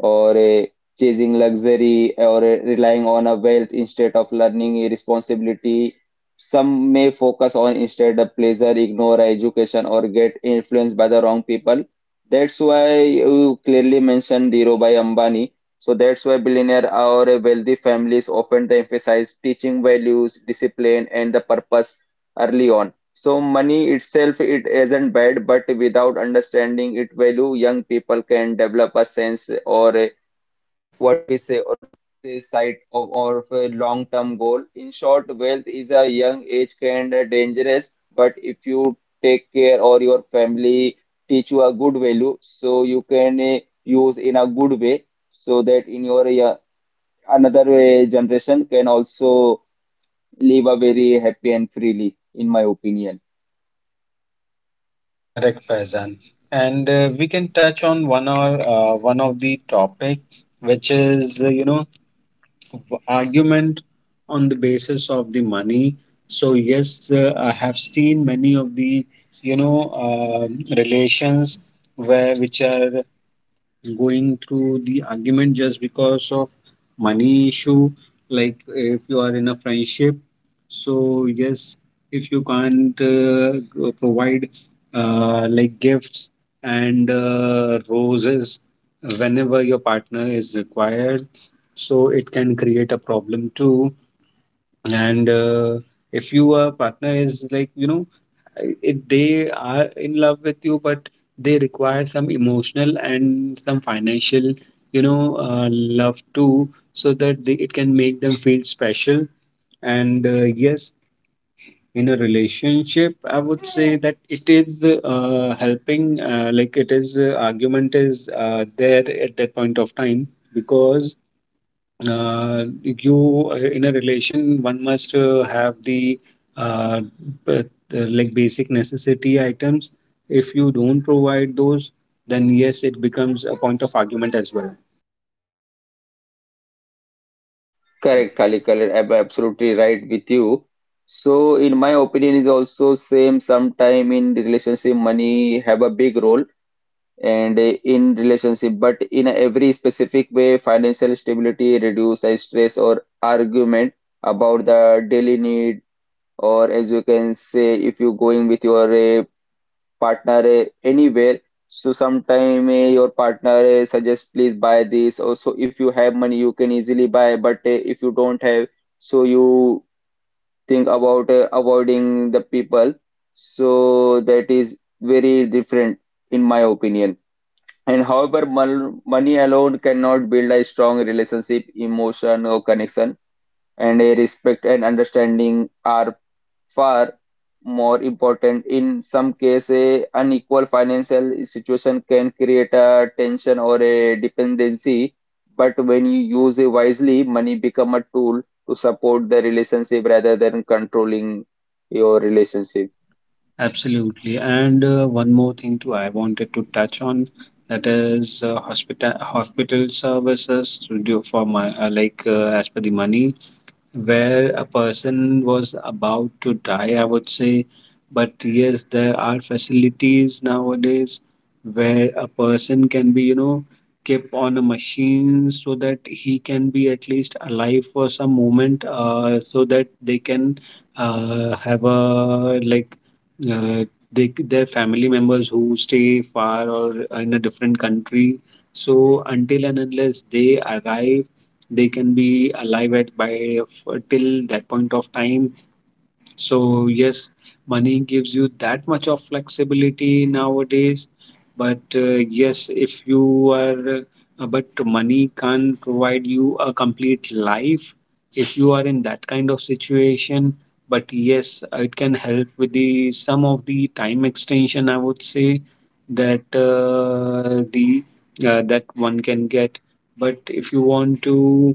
S2: or chasing luxury or relying on a wealth instead of learning a responsibility. Some may focus on instead the pleasure, ignore education, or get influenced by the wrong people. That's why you clearly mentioned Dhirubhai Ambani. So that's why billionaire or wealthy families often they emphasize teaching values, discipline, and the purpose early on. So money itself it isn't bad, but without understanding its value, young people can develop a sense or what we say or a sight of or of a long-term goal. In short, wealth is a young age kind of dangerous, but if you take care or your family teach you a good value, so you can use in a good way, so that in your another generation can also live a very happy and freely, in my opinion.
S1: Correct, Faizan. And we can touch on one or one of the topics, which is you know, argument on the basis of the money. So yes, I have seen many of the, you know, um, relations where which are going through the argument just because of money issue. Like, if you are in a friendship, so yes, if you can't, provide like gifts and roses whenever your partner is required, so it can create a problem too. And if your partner is like, you know, they are in love with you, but they require some emotional and some financial, you know, love too, so that they, it can make them feel special. And yes, in a relationship, I would say that it is helping, like it is, argument is there at that point of time, because you in a relation, one must have the uh, like basic necessity items. If you don't provide those, then yes, it becomes a point of argument as well.
S2: Correct, Khalid, correct. I'm absolutely right with you. So, in my opinion, is also same. Sometime in the relationship, money have a big role, and in relationship, but in every specific way, financial stability reduce stress or argument about the daily need, or as you can say, if you going with your partner anywhere. So sometime your partner suggests please buy this. Also, if you have money, you can easily buy. But if you don't have, so you think about avoiding the people. So that is very different in my opinion. And however, money alone cannot build a strong relationship, emotion, or connection. And a respect and understanding are far more important. In some cases, unequal financial situation can create a tension or a dependency, but when you use it wisely, money become a tool to support the relationship rather than controlling your relationship.
S1: Absolutely. And one more thing too I wanted to touch on, that is hospital services to do for my, like as per the money, where a person was about to die, I would say. But yes, there are facilities nowadays where a person can be, you know, kept on a machine so that he can be at least alive for some moment, so that they can have a like uh, they, their family members who stay far or in a different country, so until and unless they arrive, they can be alive at by till that point of time. So yes, money gives you that much of flexibility nowadays. But yes, if you are, but money can't provide you a complete life if you are in that kind of situation. But yes, it can help with the some of the time extension, I would say, that the that one can get. But if you want to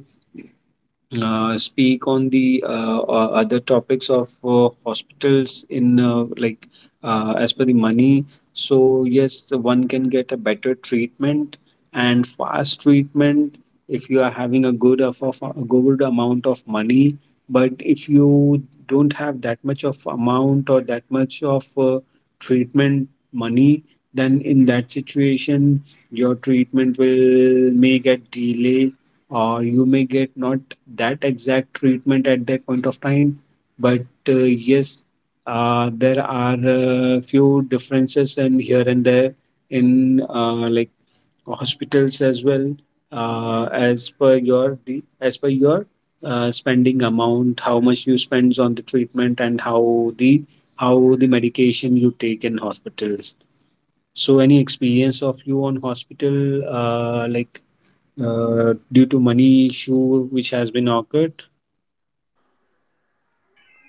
S1: speak on the other topics of hospitals in, like as per the money, so yes, one can get a better treatment and fast treatment if you are having a of a good amount of money. But if you don't have that much of amount or that much of treatment money, then in that situation your treatment will may get delayed, or you may get not that exact treatment at that point of time. But yes, there are few differences and here and there in, like, hospitals as well, as per as per your spending amount, how much you spends on the treatment and how the medication you take in hospitals. So any experience of you on hospital, like due to money issue which has been occurred?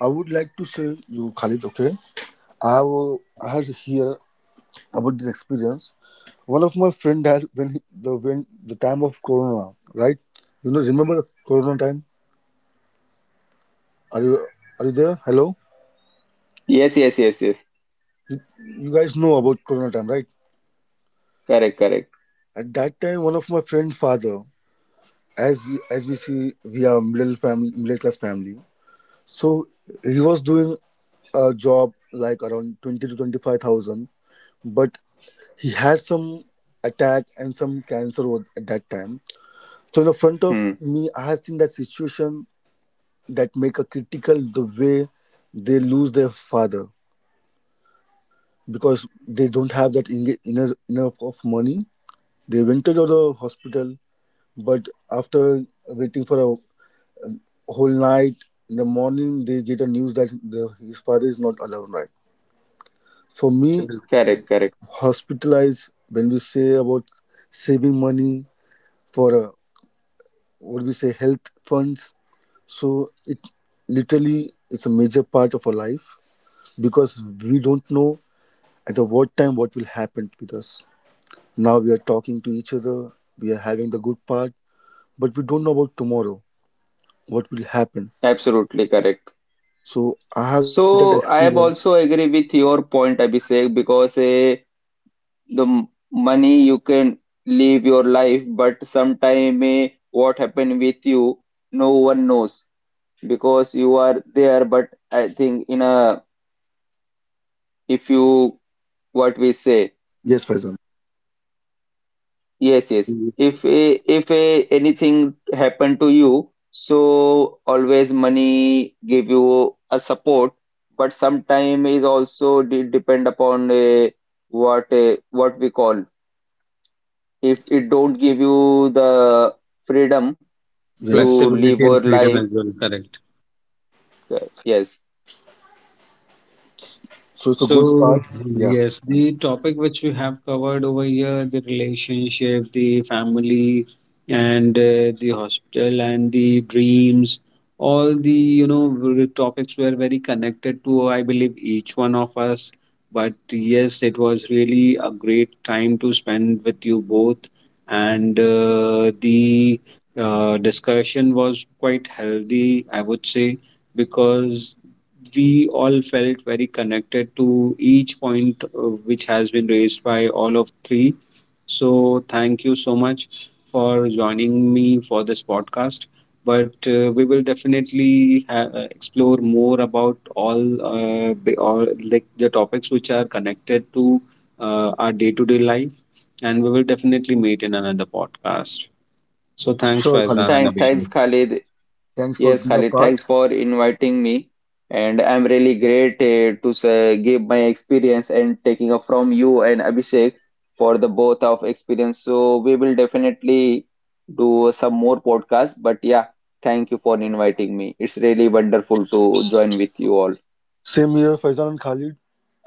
S3: I would like to say you, Khalid, okay? I had hear about this experience. One of my friend had when the time of Corona, right? You know, remember Corona time? Are you are you there? Hello.
S2: Yes, yes, yes, yes.
S3: you, you guys know about Corona time, right?
S2: Correct, correct.
S3: At that time, one of my friend's father, as we see, we are middle class family. So he was doing a job like around 20 to 25,000, but he had some attack and some cancer at that time. So in the front of
S2: Hmm.
S3: me, I had seen that situation, that make a critical. The way they lose their father, because they don't have that enough of money. They went to the hospital. But after waiting for a whole night, in the morning they get a news that his father is not alive. Right. For me,
S1: Absolutely
S2: Correct,
S1: correct.
S2: correct.
S3: hospitalized when we say about saving money for what we say health funds. So it literally is a major part of our life, because we don't know at the what time what will happen with us. Now we are talking to each other, we are having the good part, but we don't know about tomorrow what will happen.
S2: Absolutely correct.
S3: So I have that
S2: So I am
S3: experience.
S2: also agree with your point, Abhishek, because the money you can live your life, but sometime may what happen with you no one knows, because you are there, but I think in a if you what we say,
S3: Yes, Faisal.
S2: yes, yes,
S1: Mm,
S2: if a, anything happen to you, so always money give you a support, but sometime is also depend upon what we call, if it don't give you the freedom to
S3: Yes.
S2: live
S1: flexibility
S2: our
S1: and freedom
S2: life.
S1: as well. Correct.
S2: Yes.
S3: So it's a good start.
S1: So,
S3: Yeah.
S1: yes, the topic which we have covered over here, the relationship, the family, and the hospital, and the dreams, all the, you know, topics were very connected to, I believe, each one of us. But yes, it was really a great time to spend with you both. And the discussion was quite healthy, I would say, because we all felt very connected to each point which has been raised by all of three. So, thank you so much for joining me for this podcast. But we will definitely explore more about all or like the topics which are connected to our day-to-day life, and we will definitely meet in another podcast. So, thanks,
S3: Sure,
S1: Faizan
S3: Khalid.
S1: and
S2: Thanks, Khalid.
S3: Thanks for
S2: Yes,
S3: being a
S2: Khalid,
S3: part.
S2: thanks for inviting me. And I'm really great to say, give my experience and taking up from you and Abhishek for the both of experience. So we will definitely do some more podcasts. But yeah, thank you for inviting me. It's really wonderful to join with you all.
S3: Same here, Faisal and Khalid.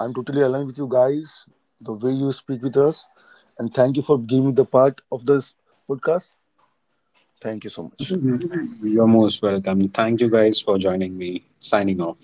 S3: I'm totally aligned with you guys, the way you speak with us. And thank you for giving me the part of this podcast. Thank you so much.
S1: Abhishek. You're most welcome. Thank you guys for joining me. Signing off.